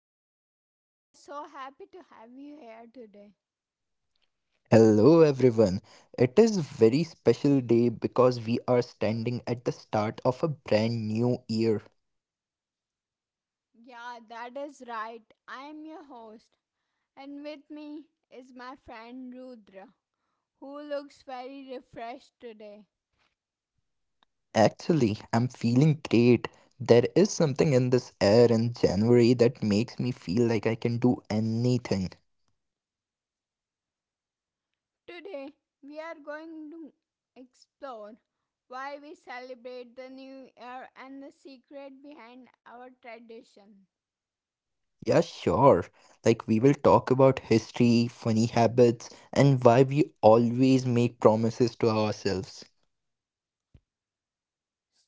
show. We are so happy to have you here today. Hello everyone. It is very special day because we are standing at the start of a brand new year. Yeah, that is right. I am your host, and with me is my friend Rudra, who looks very refreshed today. Actually, I'm feeling great. There is something in this air in January that makes me feel like I can do anything. Today, we are going to explore why we celebrate the new year and the secret behind our tradition. Yeah, sure. Like we will talk about history, funny habits, and why we always make promises to ourselves.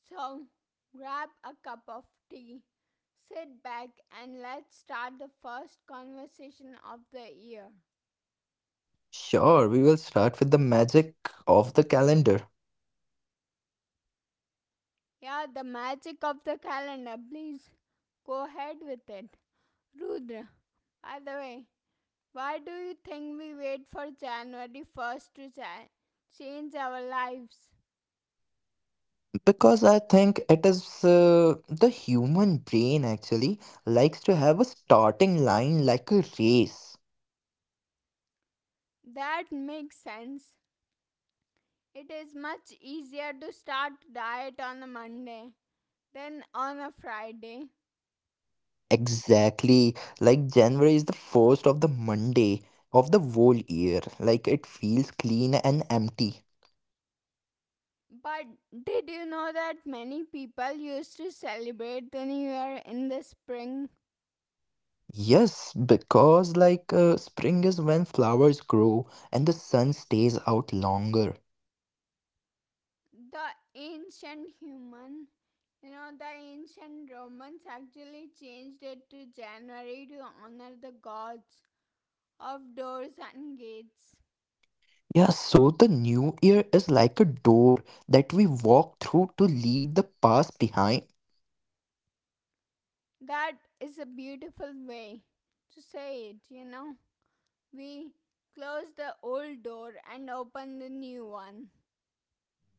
So, grab a cup of tea, sit back, and let's start the first conversation of the year. Sure, we will start with the magic of the calendar. Yeah, the magic of the calendar, please go ahead with it. Rudra, by the way, why do you think we wait for January 1st to change our lives? Because I think it is the human brain actually likes to have a starting line like a race. That makes sense. It is much easier to start diet on a Monday than on a Friday. Exactly. Like January is the first of the Monday of the whole year. Like it feels clean and empty. But did you know that many people used to celebrate the new year in the spring? Yes, because like spring is when flowers grow and the sun stays out longer. The ancient human, the ancient Romans actually changed it to January to honor the gods of doors and gates. Yeah, so the new year is like a door that we walk through to leave the past behind. That is a beautiful way to say it. We close the old door and open the new one.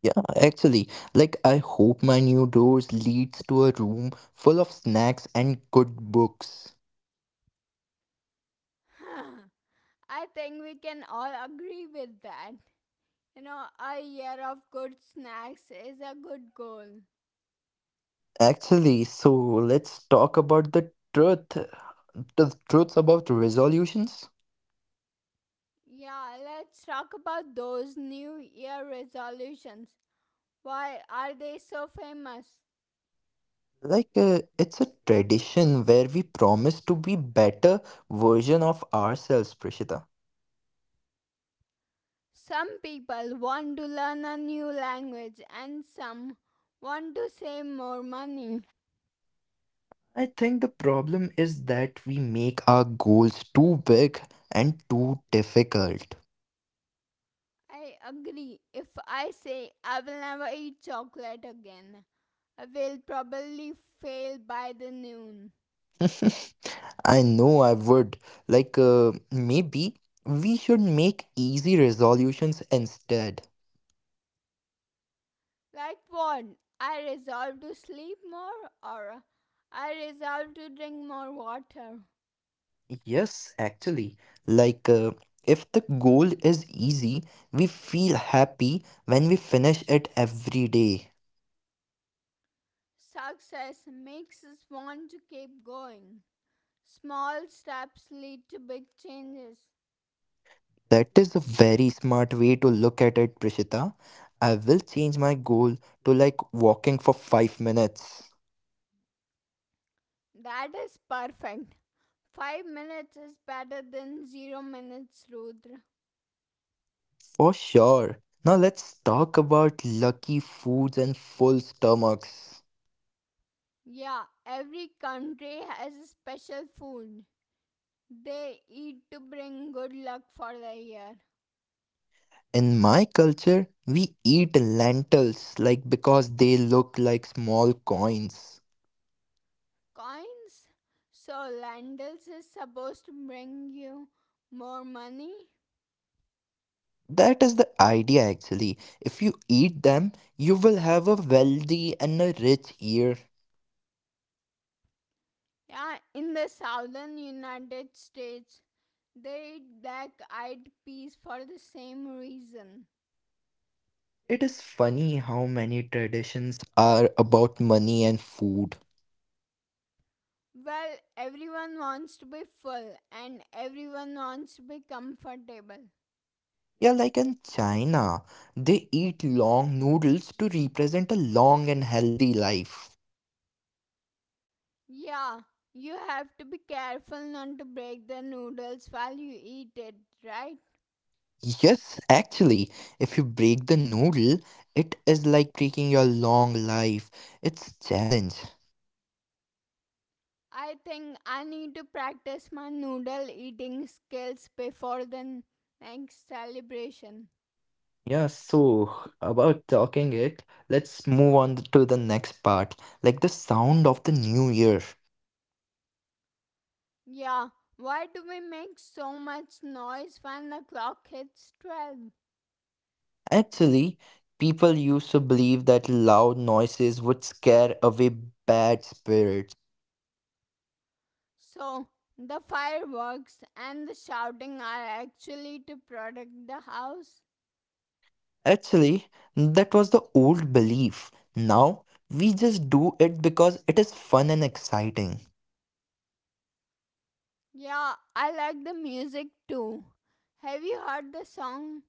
Yeah, actually, like I hope my new doors leads to a room full of snacks and good books. I think we can all agree with that. You know, a year of good snacks is a good goal. Actually, so let's talk about the truth, the truths about resolutions. Yeah, let's talk about those New Year resolutions. Why are they so famous? Like it's a tradition where we promise to be better version of ourselves, Prishita. Some people want to learn a new language and some want to save more money. I think the problem is that we make our goals too big and too difficult. I agree. If I say I will never eat chocolate again, I will probably fail by the noon. I know I would. Like, maybe we should make easy resolutions instead. Like what? I resolve to sleep more or I resolve to drink more water. Yes, actually. Like, if the goal is easy, we feel happy when we finish it every day. Success makes us want to keep going. Small steps lead to big changes. That is a very smart way to look at it, Prishita. I will change my goal to like walking for 5 minutes. That is perfect. 5 minutes is better than 0 minutes, Rudra. For sure. Now let's talk about lucky foods and full stomachs. Yeah, every country has a special food they eat to bring good luck for the year. In my culture, we eat lentils like because they look like small coins. Coins? So Landals is supposed to bring you more money? That is the idea actually. If you eat them, you will have a wealthy and a rich year. Yeah, in the southern United States, they eat black eyed peas for the same reason. It is funny how many traditions are about money and food. Well, everyone wants to be full and everyone wants to be comfortable. Yeah, like in China, they eat long noodles to represent a long and healthy life. Yeah, you have to be careful not to break the noodles while you eat it, right? Yes, actually, if you break the noodle, it is like breaking your long life. It's challenge. I think I need to practice my noodle eating skills before the next celebration. Yeah, so about talking it, let's move on to the next part, like the sound of the new year. Yeah, why do we make so much noise when the clock hits 12? Actually, people used to believe that loud noises would scare away bad spirits. So, the fireworks and the shouting are actually to protect the house. Actually, that was the old belief. Now, we just do it because it is fun and exciting. Yeah, I like the music too. Have you heard the song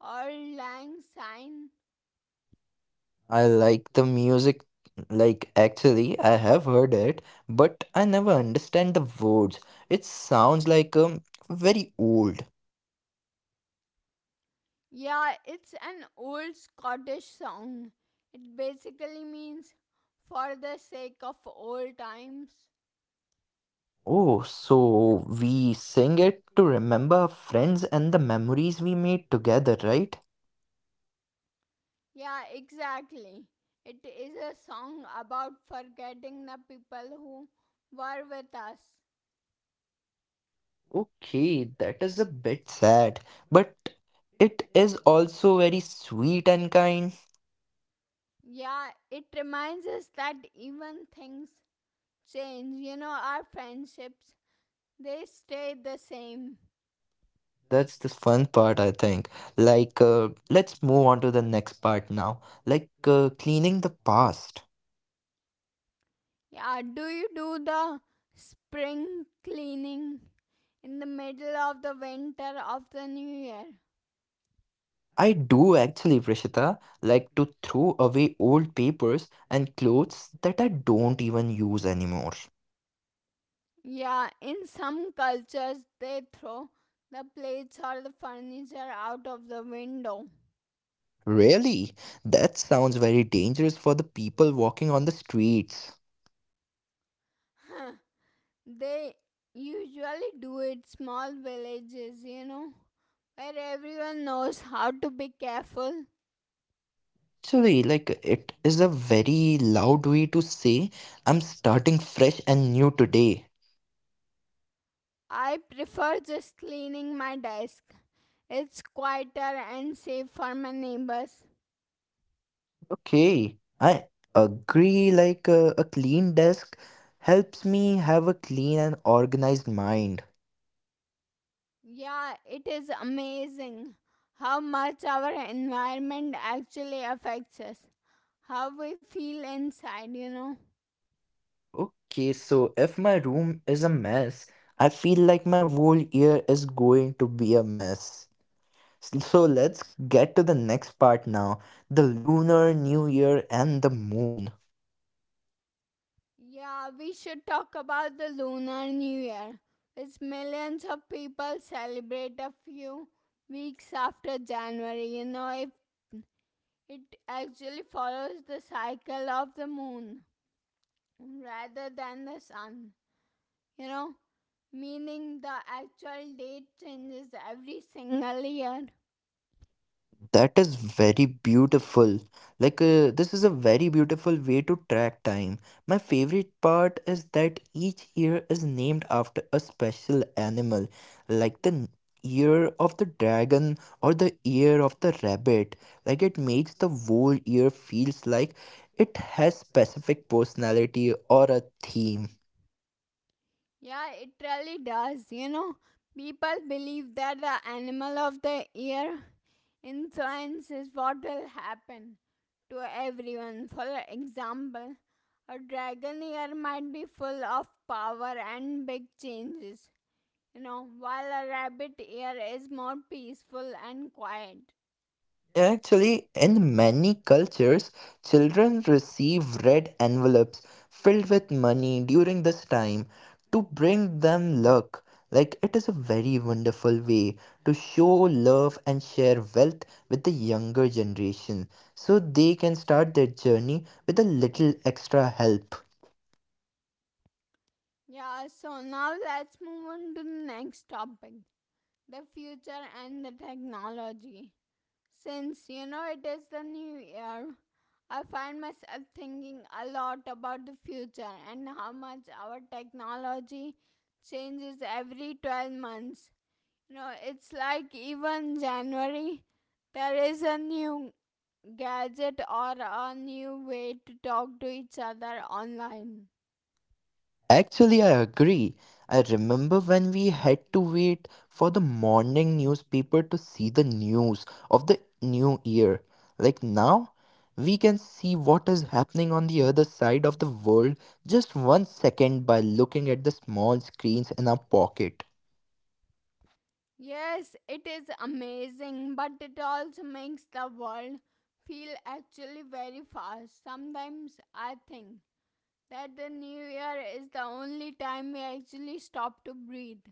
Auld Lang Syne? I like the music, like actually, I have heard it, but I never understand the words. It sounds like very old. Yeah, it's an old Scottish song. It basically means for the sake of old times. Oh, so we sing it to remember our friends and the memories we made together, right? Yeah, exactly. It is a song about forgetting the people who were with us. Okay, that is a bit sad, but it is also very sweet and kind. Yeah, it reminds us that even things change. You know, our friendships, they stay the same. That's the fun part, I think. Like, let's move on to the next part now. Like, cleaning the past. Yeah, do you do the spring cleaning in the middle of the winter of the new year? I do actually, Prishita, like to throw away old papers and clothes that I don't even use anymore. Yeah, in some cultures they throw the plates or the furniture out of the window. Really? That sounds very dangerous for the people walking on the streets. They usually do it small villages, where everyone knows how to be careful. Actually, like it is a very loud way to say I'm starting fresh and new today. I prefer just cleaning my desk. It's quieter and safe for my neighbors. Okay, I agree. Like a clean desk helps me have a clean and organized mind. Yeah, it is amazing how much our environment actually affects us, how we feel inside. Okay, so if my room is a mess, I feel like my whole year is going to be a mess. So let's get to the next part now, the lunar new year and the moon. Yeah, we should talk about the Lunar New Year, which millions of people celebrate a few weeks after January, if it actually follows the cycle of the moon rather than the sun, you know, meaning the actual date changes every single year. That is very beautiful. Like, this is a very beautiful way to track time. My favorite part is that each year is named after a special animal, like the year of the dragon or the year of the rabbit. Like, it makes the whole year feels like it has specific personality or a theme. Yeah, it really does. You know, people believe that the animal of the year influence is what will happen to everyone. For example, a dragon year might be full of power and big changes, while a rabbit year is more peaceful and quiet. Actually, in many cultures, children receive red envelopes filled with money during this time to bring them luck. Like, it is a very wonderful way to show love and share wealth with the younger generation so they can start their journey with a little extra help. Yeah, so now let's move on to the next topic, the future and the technology. Since you know it is the new year, I find myself thinking a lot about the future and how much our technology changes every 12 months. You know, it's like even January, there is a new gadget or a new way to talk to each other online. Actually, I agree. I remember when we had to wait for the morning newspaper to see the news of the new year. Like now, we can see what is happening on the other side of the world just one second by looking at the small screens in our pocket. Yes, it is amazing, but it also makes the world feel actually very fast. Sometimes I think that the new year is the only time we actually stop to breathe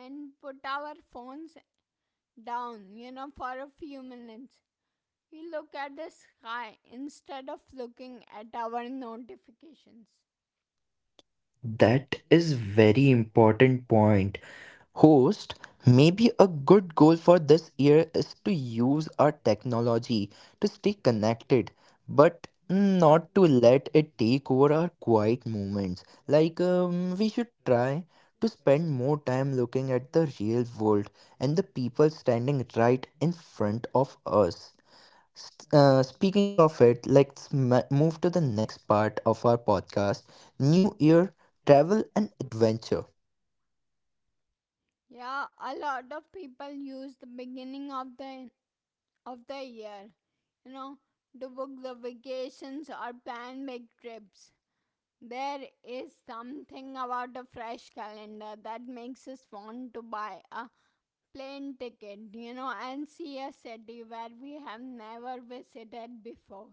and put our phones down, for a few minutes. We look at the sky instead of looking at our notifications. That is very important point. Host, maybe a good goal for this year is to use our technology to stay connected, but not to let it take over our quiet moments. Like, we should try to spend more time looking at the real world and the people standing right in front of us. S- Speaking of it, let's move to the next part of our podcast, New Year, Travel, and Adventure. Yeah, a lot of people use the beginning of the year, you know, to book the vacations or plan big trips. There is something about a fresh calendar that makes us want to buy a plane ticket, and see a city where we have never visited before.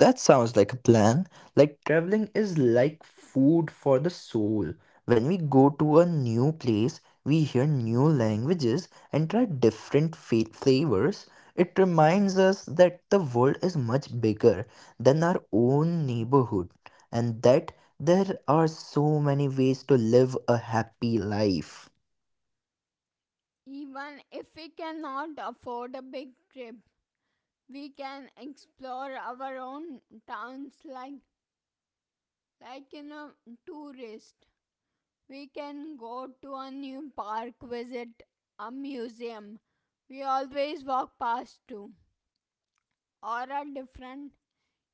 That sounds like a plan. Like traveling is like food for the soul. When we go to a new place, we hear new languages and try different flavors. It reminds us that the world is much bigger than our own neighborhood and that there are so many ways to live a happy life. Even if we cannot afford a big trip, we can explore our own towns like in a tourist. We can go to a new park, visit a museum we always walk past to, or a different,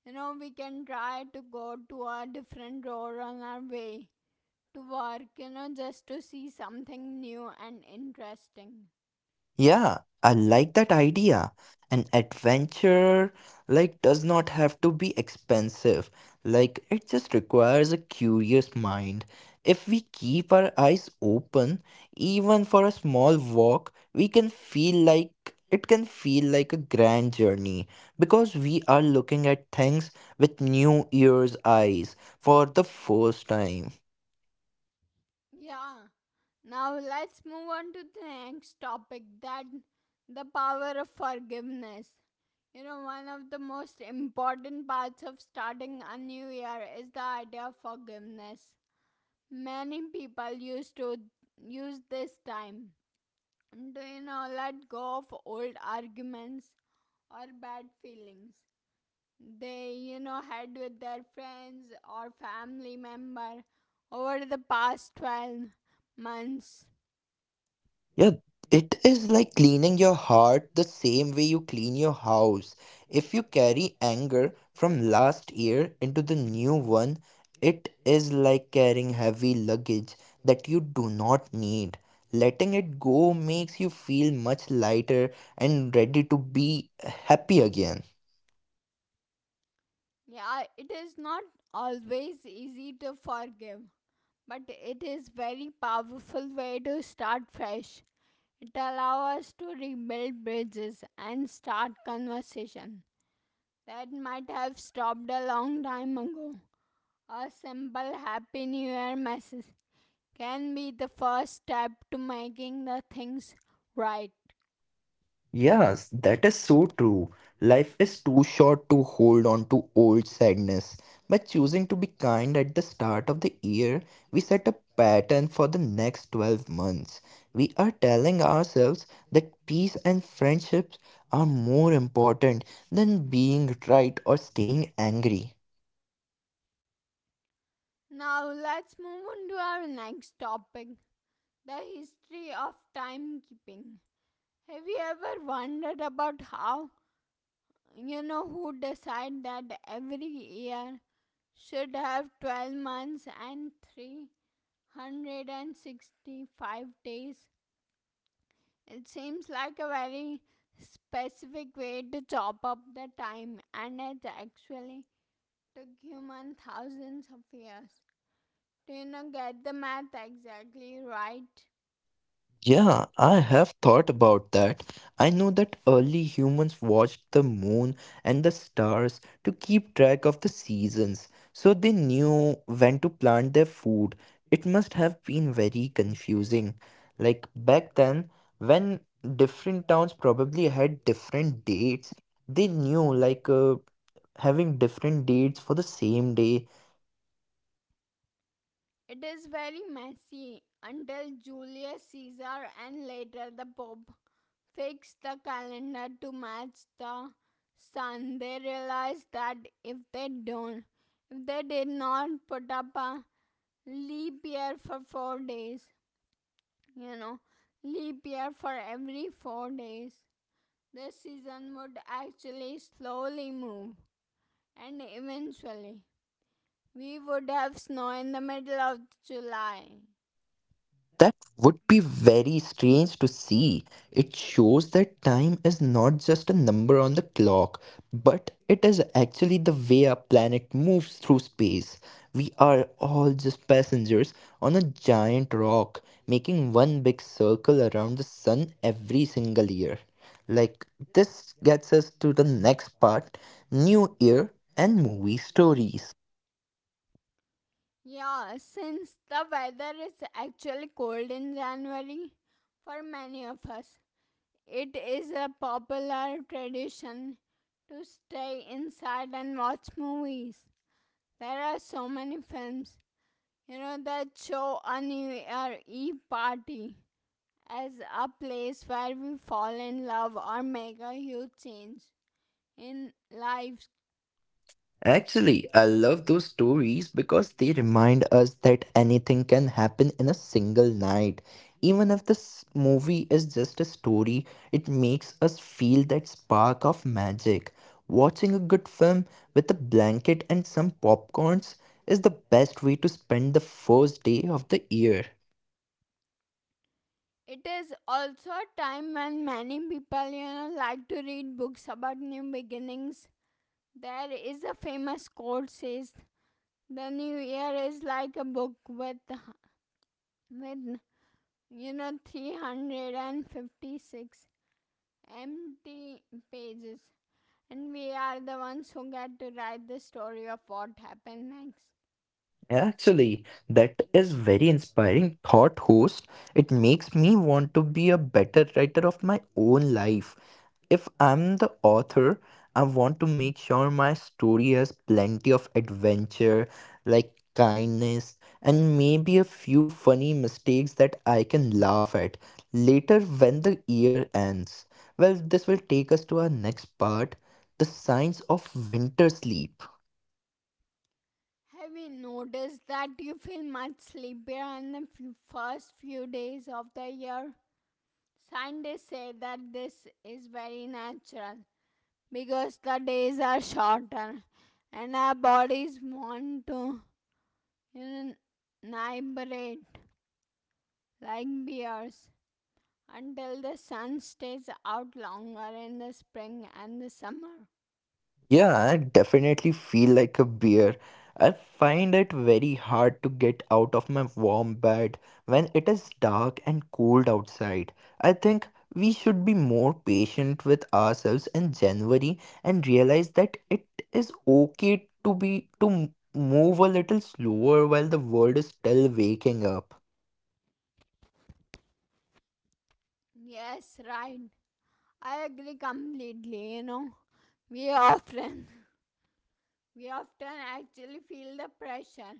you know, we can try to go to a different road on our way to work, you know, just to see something new and interesting. Yeah, I like that idea. An adventure like does not have to be expensive. Like it just requires a curious mind. If we keep our eyes open, even for a small walk, we can feel it can feel like a grand journey because we are looking at things with new ears eyes for the first time. Yeah, now let's move on to the next topic, that the power of forgiveness. You know, one of the most important parts of starting a new year is the idea of forgiveness. Many people used to use this time, do you know, let go of old arguments or bad feelings they, you know, had with their friends or family member over the past 12 months. Yeah, it is like cleaning your heart the same way you clean your house. If you carry anger from last year into the new one, it is like carrying heavy luggage that you do not need. Letting it go makes you feel much lighter and ready to be happy again. Yeah, it is not always easy to forgive, but it is very powerful way to start fresh. It allows us to rebuild bridges and start conversation that might have stopped a long time ago. A simple Happy New Year message can be the first step to making the things right. Yes, that is so true. Life is too short to hold on to old sadness. By choosing to be kind at the start of the year, we set a pattern for the next 12 months. We are telling ourselves that peace and friendships are more important than being right or staying angry. Now let's move on to our next topic, the history of timekeeping. Have you ever wondered about how, you know, who decide that every year should have 12 months and 365 days? It seems like a very specific way to chop up the time, and it actually took human thousands of years to, you know, get the math exactly right. Yeah, I have thought about that. I know that early humans watched the moon and the stars to keep track of the seasons, so they knew when to plant their food. It must have been very confusing. Like back then, when different towns probably had different dates, they knew like having different dates for the same day. It is very messy until Julius Caesar and later the Pope fixed the calendar to match the sun. They realized that if they don't, if they did not put up a leap year for four days, you know leap year for every 4 days, the season would actually slowly move and eventually we would have snow in the middle of July. That would be very strange to see. It shows that time is not just a number on the clock, but it is actually the way our planet moves through space. We are all just passengers on a giant rock, making one big circle around the sun every single year. Like, this gets us to the next part, new year and movie stories. Yeah, since the weather is actually cold in January for many of us, it is a popular tradition to stay inside and watch movies. There are so many films, you know, that show a New Year Eve party as a place where we fall in love or make a huge change in lives. Actually, I love those stories because they remind us that anything can happen in a single night. Even if this movie is just a story, it makes us feel that spark of magic. Watching a good film with a blanket and some popcorns is the best way to spend the first day of the year. It is also a time when many people, you know, like to read books about new beginnings. There is a famous quote says, "The new year is like a book with you know, 356 empty pages." And we are the ones who get to write the story of what happened next. Actually, that is very inspiring thought, host. It makes me want to be a better writer of my own life. If I'm the author, I want to make sure my story has plenty of adventure, like kindness, and maybe a few funny mistakes that I can laugh at later when the year ends. Well, this will take us to our next part, the signs of winter sleep. Have you noticed that you feel much sleepier in the first few days of the year? Scientists say that this is very natural because the days are shorter and our bodies want to unibrate like bears until the sun stays out longer in the spring and the summer. Yeah, I definitely feel like a bear. I find it very hard to get out of my warm bed when it is dark and cold outside. I think we should be more patient with ourselves in January and realize that it is okay to move a little slower while the world is still waking up. Yes, right. I agree completely, you know. We often we often actually feel the pressure,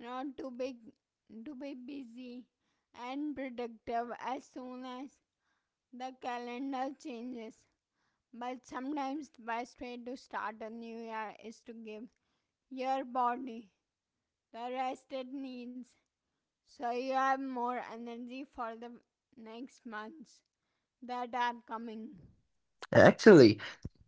you know, to be to be busy and productive as soon as the calendar changes. But sometimes the best way to start a new year is to give your body the rest it needs so you have more energy for the next months that are coming. Actually,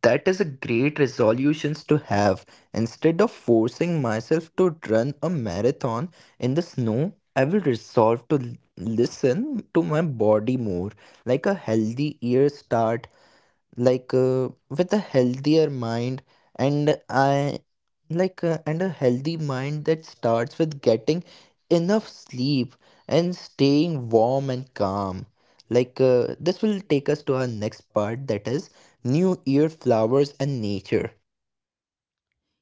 that is a great resolutions to have. Instead of forcing myself to run a marathon in the snow, I will resolve to listen to my body more, like a healthy ear start like with a healthier mind and I like and a healthy mind that starts with getting enough sleep and staying warm and calm. Like this will take us to our next part, that is new year flowers and nature.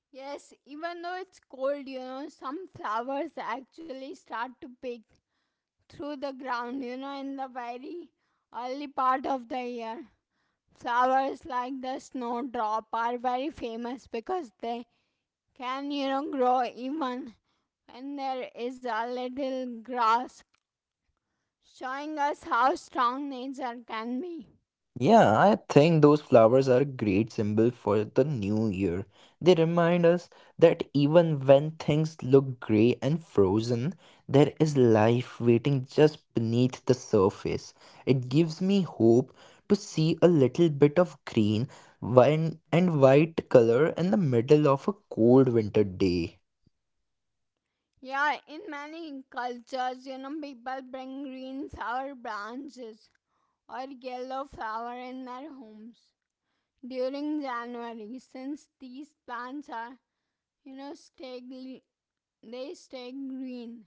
Yes, even though it's cold, some flowers actually start to peek through the ground, in the very early part of the year. Flowers like the snowdrop are very famous because they can, you know, grow even when there is a little grass, showing us how strong nature can be. Yeah, I think those flowers are a great symbol for the new year. They remind us that even when things look gray and frozen, there is life waiting just beneath the surface. It gives me hope to see a little bit of green wine and white color in the middle of a cold winter day. Yeah, in many cultures, people bring green flower branches or yellow flower in their homes during January since these plants are, you know, they stay green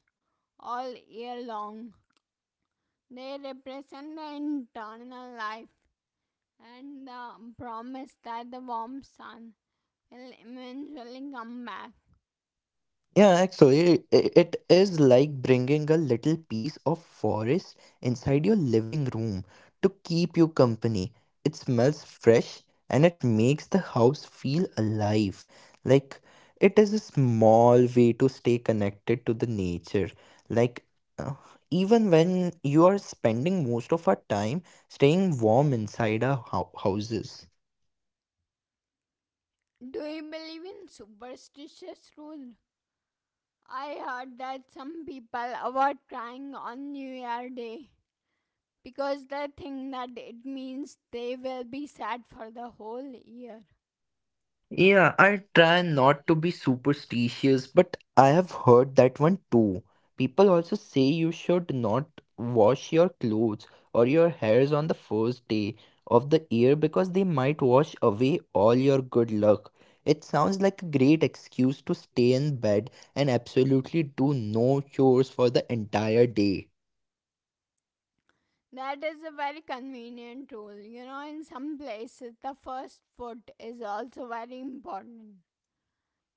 all year long. They represent the internal life and the promise that the warm sun will eventually come back. Yeah, actually, it is like bringing a little piece of forest inside your living room to keep you company. It smells fresh and it makes the house feel alive. Like it is a small way to stay connected to the nature. Like uh, even when you are spending most of our time staying warm inside our houses. Do you believe in superstitious rules? I heard that some people avoid crying on New Year Day because they think that it means they will be sad for the whole year. Yeah, I try not to be superstitious, but I have heard that one too. People also say you should not wash your clothes or your hairs on the first day of the year because they might wash away all your good luck. It sounds like a great excuse to stay in bed and absolutely do no chores for the entire day. That is a very convenient rule. You know, in some places, the first foot is also very important.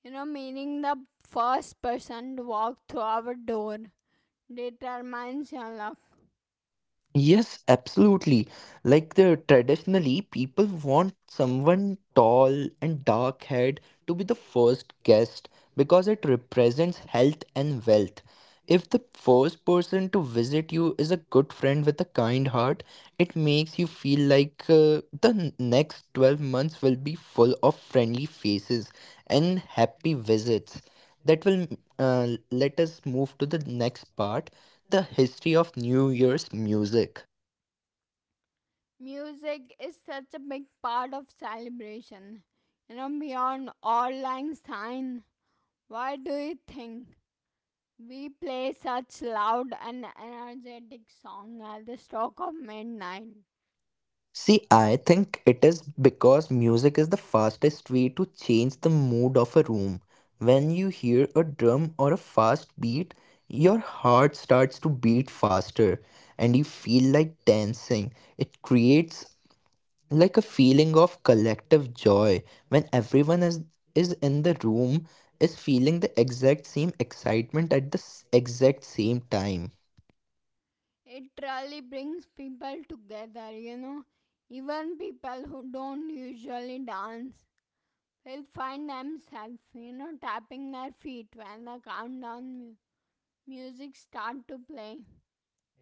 You know, meaning the first person to walk through our door determines your luck. Yes, absolutely. Like the traditionally, people want someone tall and dark haired to be the first guest because it represents health and wealth. If the first person to visit you is a good friend with a kind heart, it makes you feel like next 12 months will be full of friendly faces and happy visits. That will let us move to the next part the history of New Year's music? Music is such a big part of celebration. You know, beyond all lang syne, why do you think we play such loud and energetic song at the stroke of midnight? See, I think it is because music is the fastest way to change the mood of a room. When you hear a drum or a fast beat, your heart starts to beat faster and you feel like dancing. It creates like a feeling of collective joy when is in the room is feeling the exact same excitement at the exact same time. It really brings people together, you know. Even people who don't usually dance will find themselves, tapping their feet when the music start to play.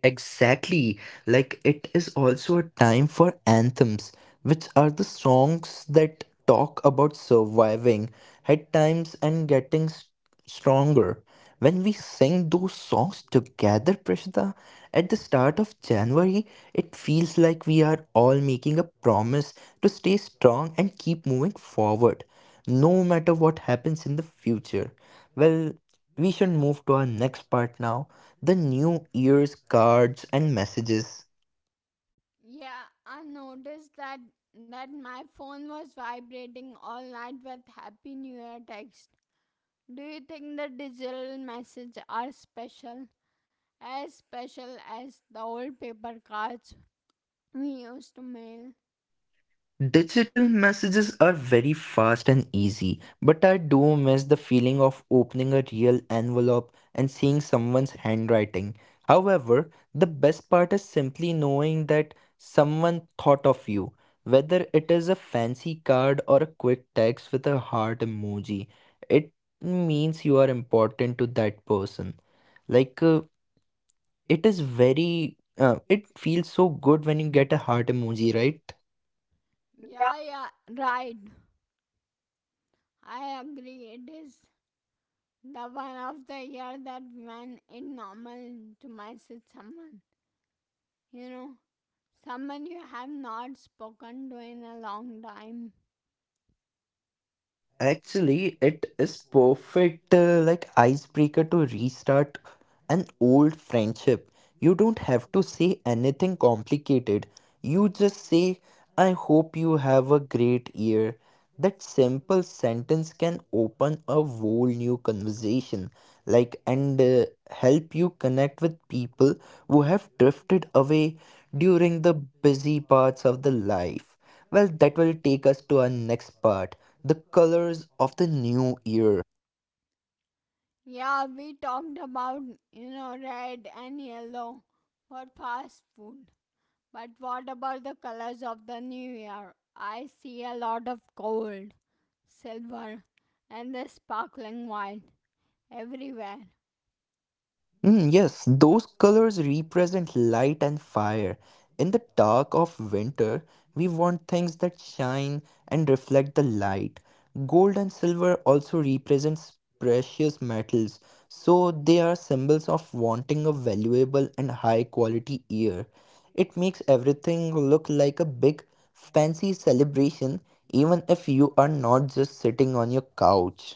Exactly. Like it is also a time for anthems, which are the songs that talk about surviving at times and getting stronger. When we sing those songs together, Prishita, at the start of January, it feels like we are all making a promise to stay strong and keep moving forward, no matter what happens in the future. Well, we should move to our next part now the new year's cards and messages. Yeah, I noticed that my phone was vibrating all night with Happy New Year texts. Do you think the digital messages are special? As special as the old paper cards we used to mail? Digital messages are very fast and easy, but I do miss the feeling of opening a real envelope and seeing someone's handwriting. However, the best part is simply knowing that someone thought of you, whether it is a fancy card or a quick text with a heart emoji. It means you are important to that person. Like, uh, It is very it feels so good when you get a heart emoji, right? Yeah, yeah, right. I agree. It is the one of the year that when it normal to message someone. You know, someone you have not spoken to in a long time. Actually, it is perfect like icebreaker to restart an old friendship. You don't have to say anything complicated. You just say, I hope you have a great year. That simple sentence can open a whole new conversation, like, and help you connect with people who have drifted away during the busy parts of the life. Well, that will take us to our next part the colors of the new year. Yeah, we talked about, you know, red and yellow for fast food. But what about the colors of the new year? I see a lot of gold, silver, and the sparkling white everywhere. Yes, those colors represent light and fire. In the dark of winter, we want things that shine and reflect the light. Gold and silver also represents precious metals, so they are symbols of wanting a valuable and high quality year. It makes everything look like a big fancy celebration even if you are not just sitting on your couch.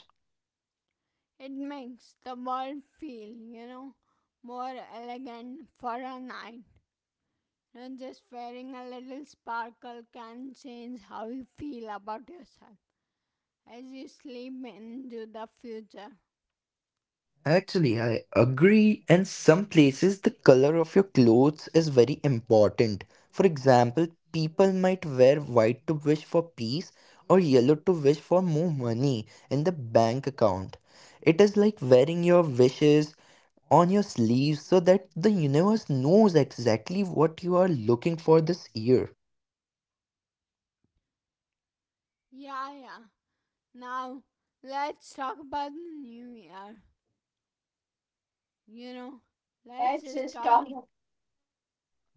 It makes the world feel, you know, more elegant for a night. And just wearing a little sparkle can change how you feel about yourself as you sleep into the future. Actually, I agree. And some places, the color of your clothes is very important. For example, people might wear white to wish for peace or yellow to wish for more money in the bank account. It is like wearing your wishes on your sleeve so that the universe knows exactly what you are looking for this year. Yeah, yeah. Now, let's talk about the new year. You know, let's Let's just just talk. talk.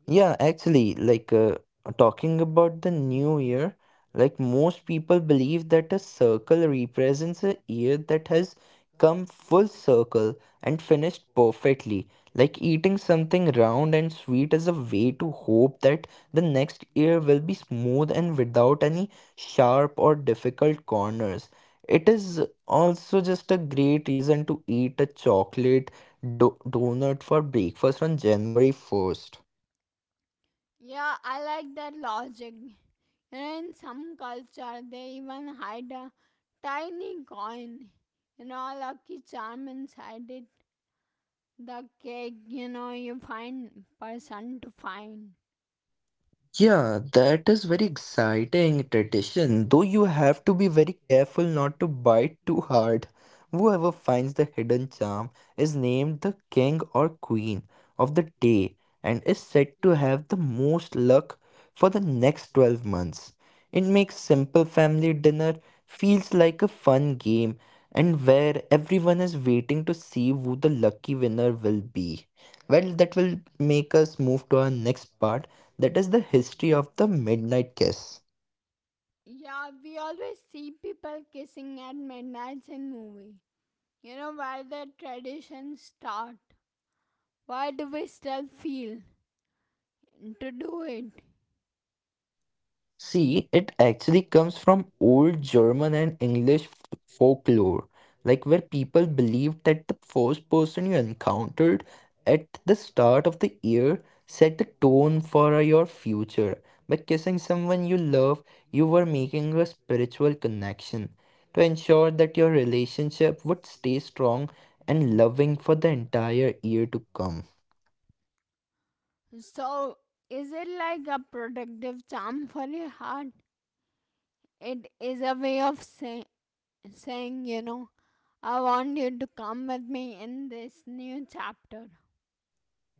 Yeah, actually, talking about the new year, like most people believe that a circle represents a year that has come full circle and finished perfectly. Like eating something round and sweet is a way to hope that the next year will be smooth and without any sharp or difficult corners. It is also just a great reason to eat a chocolate do donut for breakfast on January 1st. Yeah, I like that logic. You know, in some culture, they even hide a tiny coin. You know, lucky charm inside it. The cake, you know, you find person to find. Yeah, that is very exciting tradition, though you have to be very careful not to bite too hard. Whoever finds the hidden charm is named the king or queen of the day and is said to have the most luck for the next 12 months. It makes simple family dinner feels like a fun game and where everyone is waiting to see who the lucky winner will be. Well, that will make us move to our next part that is the history of the Midnight Kiss. Yeah, we always see people kissing at midnight in movie. You know where the traditions start. Why do we still feel to do it? See, it actually comes from old German and English folklore, like where people believed that the first person you encountered at the start of the year set the tone for your future. By kissing someone you love, you were making a spiritual connection to ensure that your relationship would stay strong and loving for the entire year to come. So, is it like a protective charm for your heart? It is a way of saying, you know, I want you to come with me in this new chapter.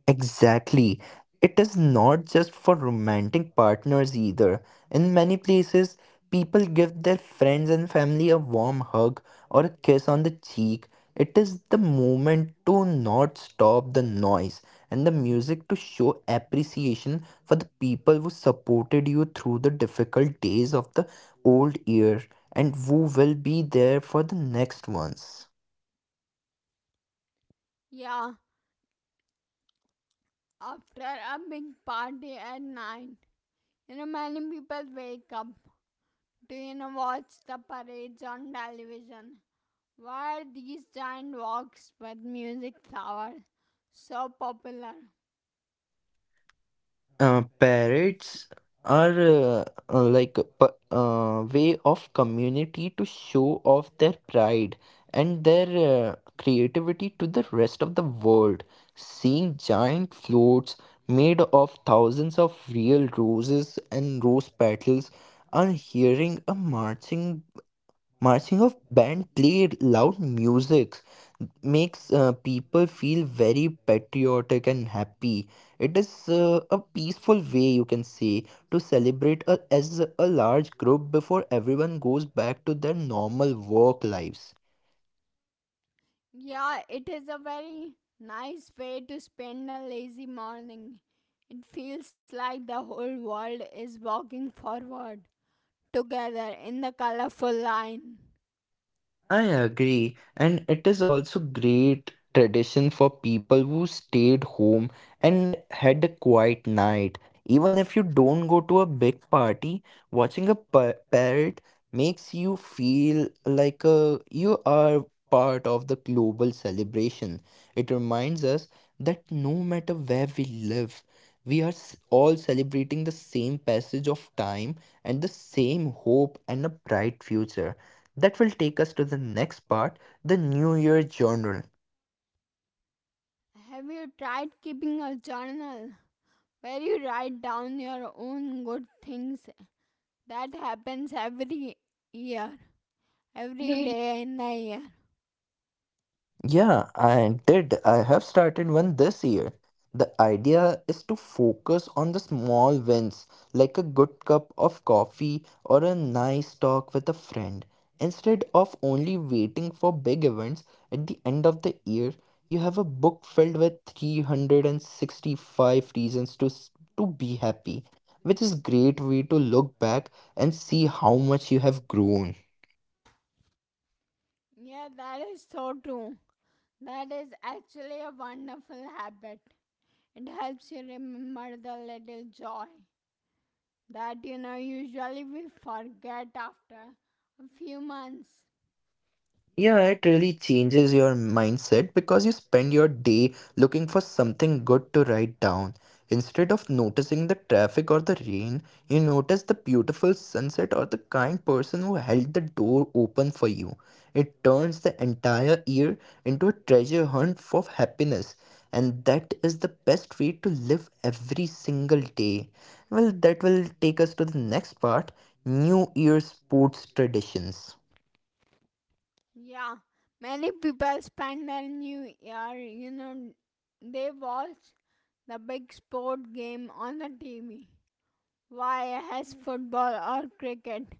Exactly. It is not just for romantic partners either. In many places, people give their friends and family a warm hug or a kiss on the cheek. It is the moment to not stop the noise and the music to show appreciation for the people who supported you through the difficult days of the old year and who will be there for the next ones. Yeah, after a big party at nine, you know, many people wake up to, you know, watch the parades on television. Why are these giant walks with music flowers so popular? Parrots are like a way of community to show off their pride and their creativity to the rest of the world. Seeing giant floats made of thousands of real roses and rose petals, and hearing a Marching of band play loud music makes people feel very patriotic and happy. It is a peaceful way you can say to celebrate a, as a large group before everyone goes back to their normal work lives. Yeah, it is a very nice way to spend a lazy morning. It feels like the whole world is walking forward together in the colorful line. I agree, and it is also great tradition for people who stayed home and had a quiet night. Even if you don't go to a big party, watching a parrot makes you feel like you are part of the global celebration. It reminds us that no matter where we live, we are all celebrating the same passage of time and the same hope and a bright future. That will take us to the next part the New Year journal. Have you tried keeping a journal where you write down your own good things? That happens every year, every day in the year. Yeah, I did. I have started one this year. The idea is to focus on the small wins, like a good cup of coffee or a nice talk with a friend. Instead of only waiting for big events, at the end of the year, you have a book filled with 365 reasons to be happy, which is great way to look back and see how much you have grown. Yeah, that is so true. That is actually a wonderful habit. It helps you remember the little joy that, you know, usually we forget after a few months. Yeah, it really changes your mindset because you spend your day looking for something good to write down. Instead of noticing the traffic or the rain, you notice the beautiful sunset or the kind person who held the door open for you. It turns the entire year into a treasure hunt for happiness, and that is the best way to live every single day. Well, that will take us to the next part New Year sports traditions. Yeah, many people spend their new year, you know, they watch the big sport game on the TV. Why has football or cricket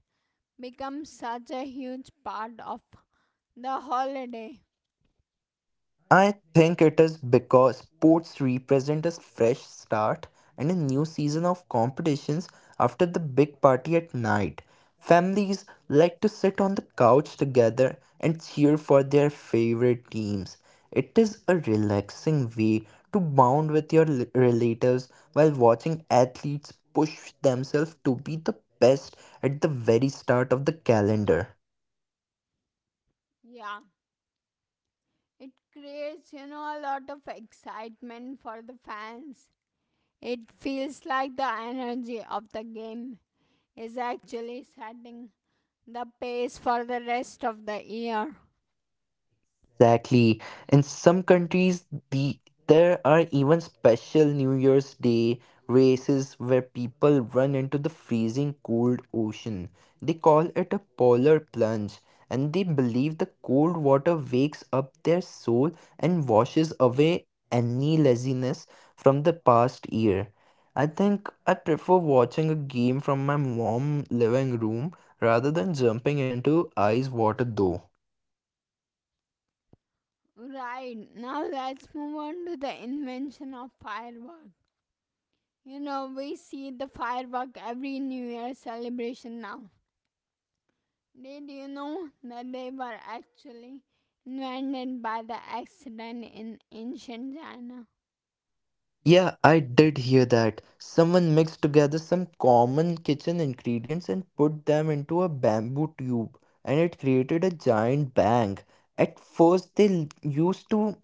become such a huge part of the holiday? I think it is because sports represent a fresh start and a new season of competitions after the big party at night. Families like to sit on the couch together and cheer for their favorite teams. It is a relaxing way to bond with your relatives while watching athletes push themselves to be the best at the very start of the calendar. Yeah, it creates, you know, a lot of excitement for the fans. It feels like the energy of the game is actually setting the pace for the rest of the year. Exactly. In some countries, there are even special New Year's Day races where people run into the freezing cold ocean. They call it a polar plunge, and they believe the cold water wakes up their soul and washes away any laziness from the past year. I think I prefer watching a game from my mom living room rather than jumping into ice water though. Right, now let's move on to the invention of firework. You know, we see the firework every New Year celebration now. Did you know that they were actually invented by the accident in ancient China? Yeah, I did hear that. Someone mixed together some common kitchen ingredients and put them into a bamboo tube, and it created a giant bang. At first, they used to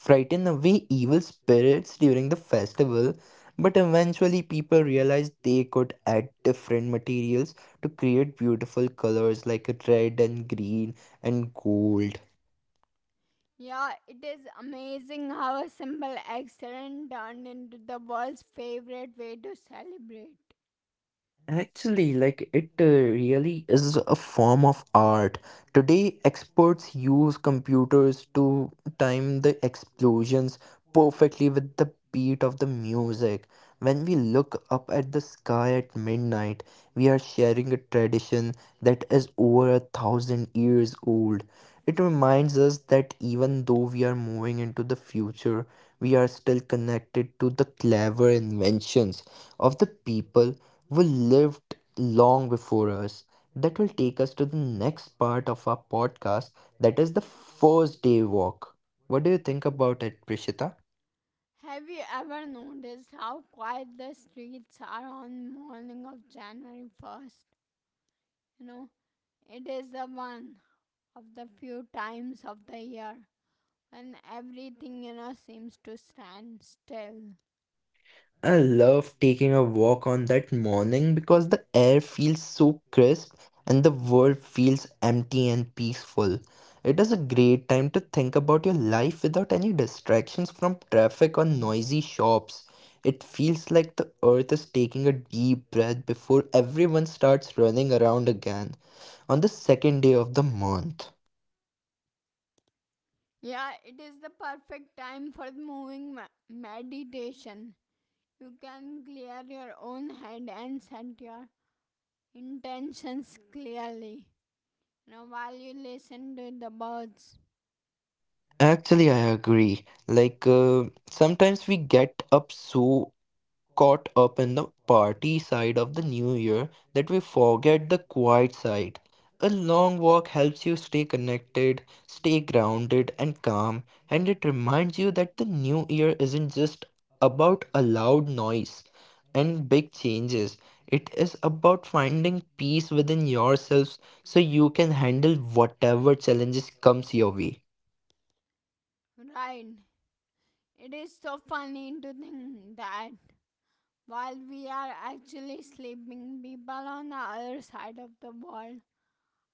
frighten away evil spirits during the festival, but eventually, people realized they could add different materials to create beautiful colors like red and green and gold. Yeah, it is amazing how a simple accident turned into the world's favorite way to celebrate. Actually, like it really is a form of art. Today, experts use computers to time the explosions perfectly with the beat of the music. When we look up at the sky at midnight, we are sharing a tradition that is over a thousand years old. It reminds us that even though we are moving into the future, we are still connected to the clever inventions of the people who lived long before us. That will take us to the next part of our podcast, that is the first day walk. What do you think about it, Prishita? Have you ever noticed how quiet the streets are on the morning of January 1st? You know, it is the one of the few times of the year when everything, you know, seems to stand still. I love taking a walk on that morning because the air feels so crisp and the world feels empty and peaceful. It is a great time to think about your life without any distractions from traffic or noisy shops. It feels like the earth is taking a deep breath before everyone starts running around again on the second day of the month. Yeah, it is the perfect time for the meditation. You can clear your own head and set your intentions clearly. You know, while you listen to the birds, Actually, I agree. Sometimes we get up so caught up in the party side of the new year that we forget the quiet side. A long walk helps you stay connected, stay grounded and calm, and it reminds you that the new year isn't just about a loud noise and big changes. It is about finding peace within yourselves so you can handle whatever challenges comes your way. right? It is so funny to think that while we are actually sleeping, people on the other side of the world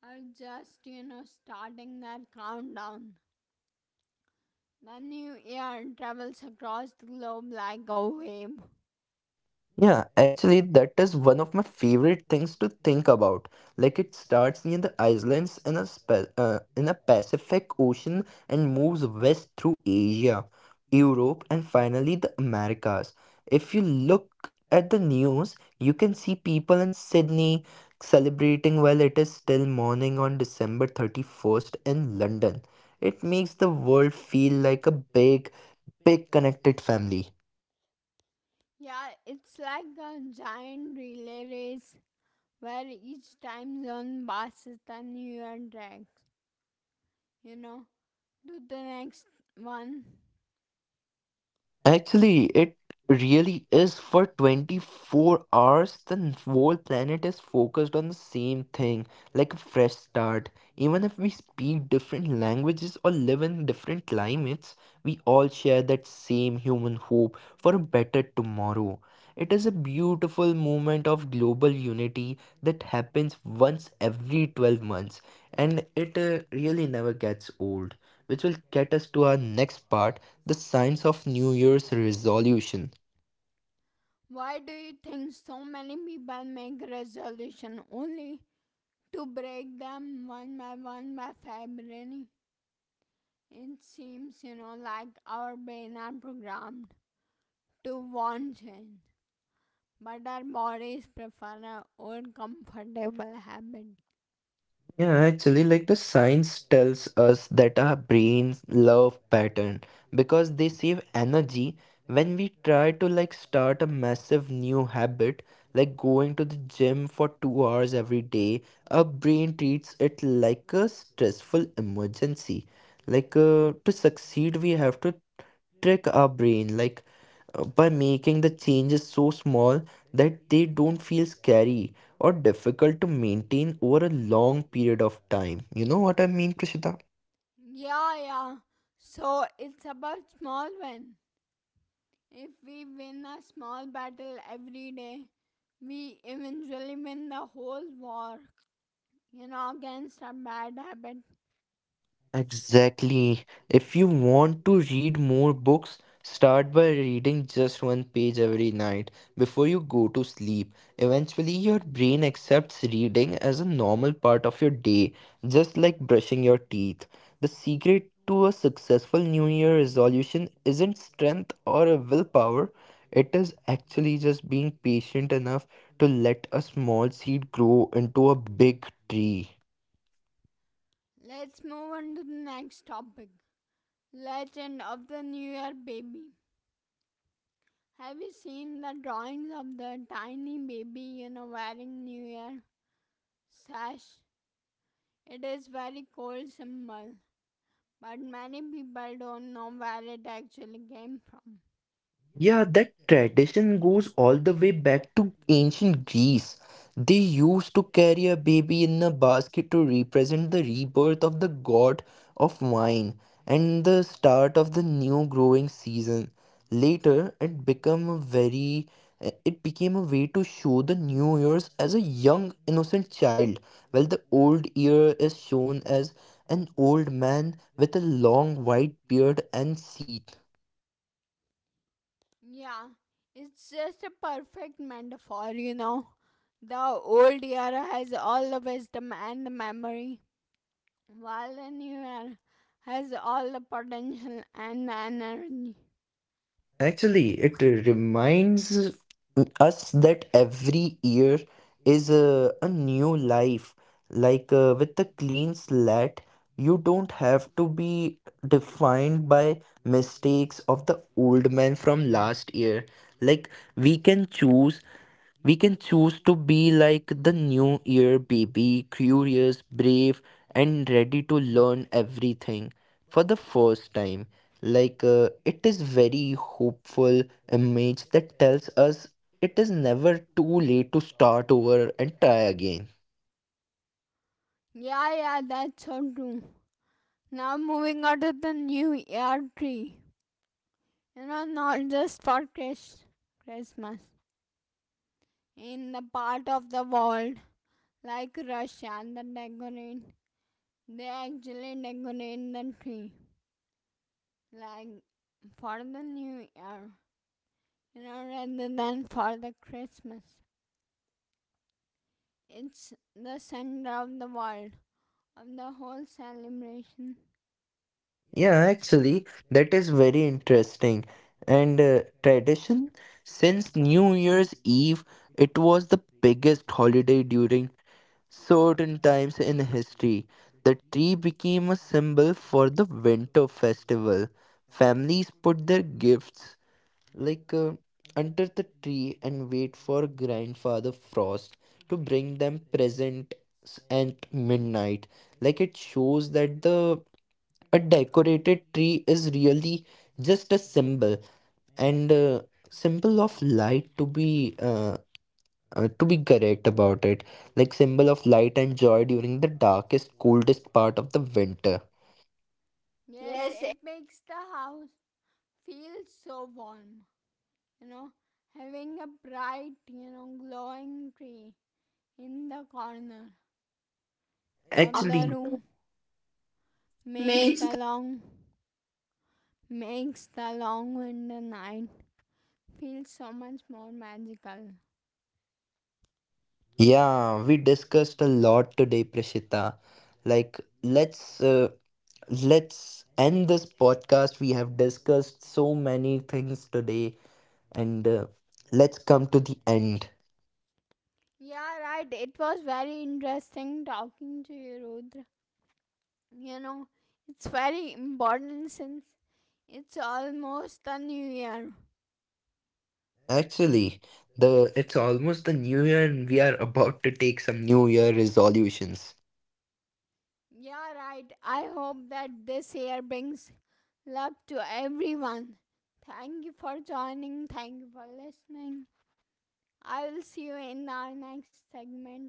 are just, you know, starting their countdown. The new year travels across the globe like a wave. Yeah, actually, that is one of my favorite things to think about. Like it starts near the islands in a spe in a Pacific Ocean and moves west through Asia, Europe, and finally the Americas. If you look at the news, you can see people in Sydney celebrating while it is still morning on December 31st in London. It makes the world feel like a big, big connected family. Yeah, it's like a giant relay race where each time zone passes the new year tracks. You know, do the next one. Actually, it really is for 24 hours. The whole planet is focused on the same thing, like a fresh start. Even if we speak different languages or live in different climates, we all share that same human hope for a better tomorrow. It is a beautiful moment of global unity that happens once every 12 months, and it really never gets old, which will get us to our next part, the science of New Year's resolution. Why do you think so many people make resolution only to break them one by one by February? It seems, you know, like our brain are programmed to want change, but our bodies prefer our old comfortable habit. Yeah, actually, like the science tells us that our brains love pattern because they save energy when we try to like start a massive new habit, like going to the gym for 2 hours every day. Our brain treats it like a stressful emergency. To succeed, we have to trick our brain. By making the changes so small that they don't feel scary or difficult to maintain over a long period of time. You know what I mean, Prishita? Yeah, yeah. So it's about small win. If we win a small battle every day, we eventually win the whole war, you know, against a bad habit. Exactly. If you want to read more books, start by reading just one page every night before you go to sleep. Eventually, your brain accepts reading as a normal part of your day, just like brushing your teeth. The secret to a successful New Year resolution isn't strength or a willpower, it is actually just being patient enough to let a small seed grow into a big tree. Let's move on to the next topic. Legend of the New Year Baby. Have you seen the drawings of the tiny baby, you know, wearing New Year sash? It is very cool symbol, but many people don't know where it actually came from. Yeah, that tradition goes all the way back to ancient Greece. They used to carry a baby in a basket to represent the rebirth of the god of wine and the start of the new growing season. Later, it became a very it became a way to show the new years as a young innocent child, while the old year is shown as an old man with a long white beard and teeth. Yeah, it's just a perfect metaphor, you know. The old year has all the wisdom and the memory. Valenuer has all the potential and the energy. Actually, it reminds us that every year is a new life. With the clean slate, you don't have to be defined by mistakes of the old man from last year. Like we can choose we can choose to be like the new year baby, curious, brave, and ready to learn everything for the first time. It is very hopeful image that tells us it is never too late to start over and try again. Yeah, yeah, that's so true. Now moving on to the new year tree. You know, not just for Christmas. In the part of the world like Russia, they actually decorate the tree like for the new year. You know, rather than for the Christmas. It's the center of the world of the whole celebration. Yeah, actually, that is very interesting. And tradition, since New Year's Eve, it was the biggest holiday during certain times in history, the tree became a symbol for the winter festival. Families put their gifts like uh, under the tree and wait for grandfather frost to bring them presents at midnight. Like it shows that the a decorated tree is really just a symbol and symbol of light to be correct about it, like symbol of light and joy during the darkest, coldest part of the winter. Yes, Yes. it makes the house feel so warm, you know, having a bright, you know, glowing tree in the corner of the Actually, after room makes May. the long makes the long winter night feel so much more magical. Yeah, we discussed a lot today, Prashita. Like, let's uh, let's end this podcast. We have discussed so many things today, and let's come to the end. Yeah, right. It was very interesting talking to you, Rudra. You know, it's very important since it's almost the new year. Actually, the it's almost the new year, and we are about to take some new year resolutions. Yeah, right. I hope that this year brings love to everyone. Thank you for joining. Thank you for listening. I will see you in our next segment,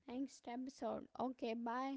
next episode. Okay, bye.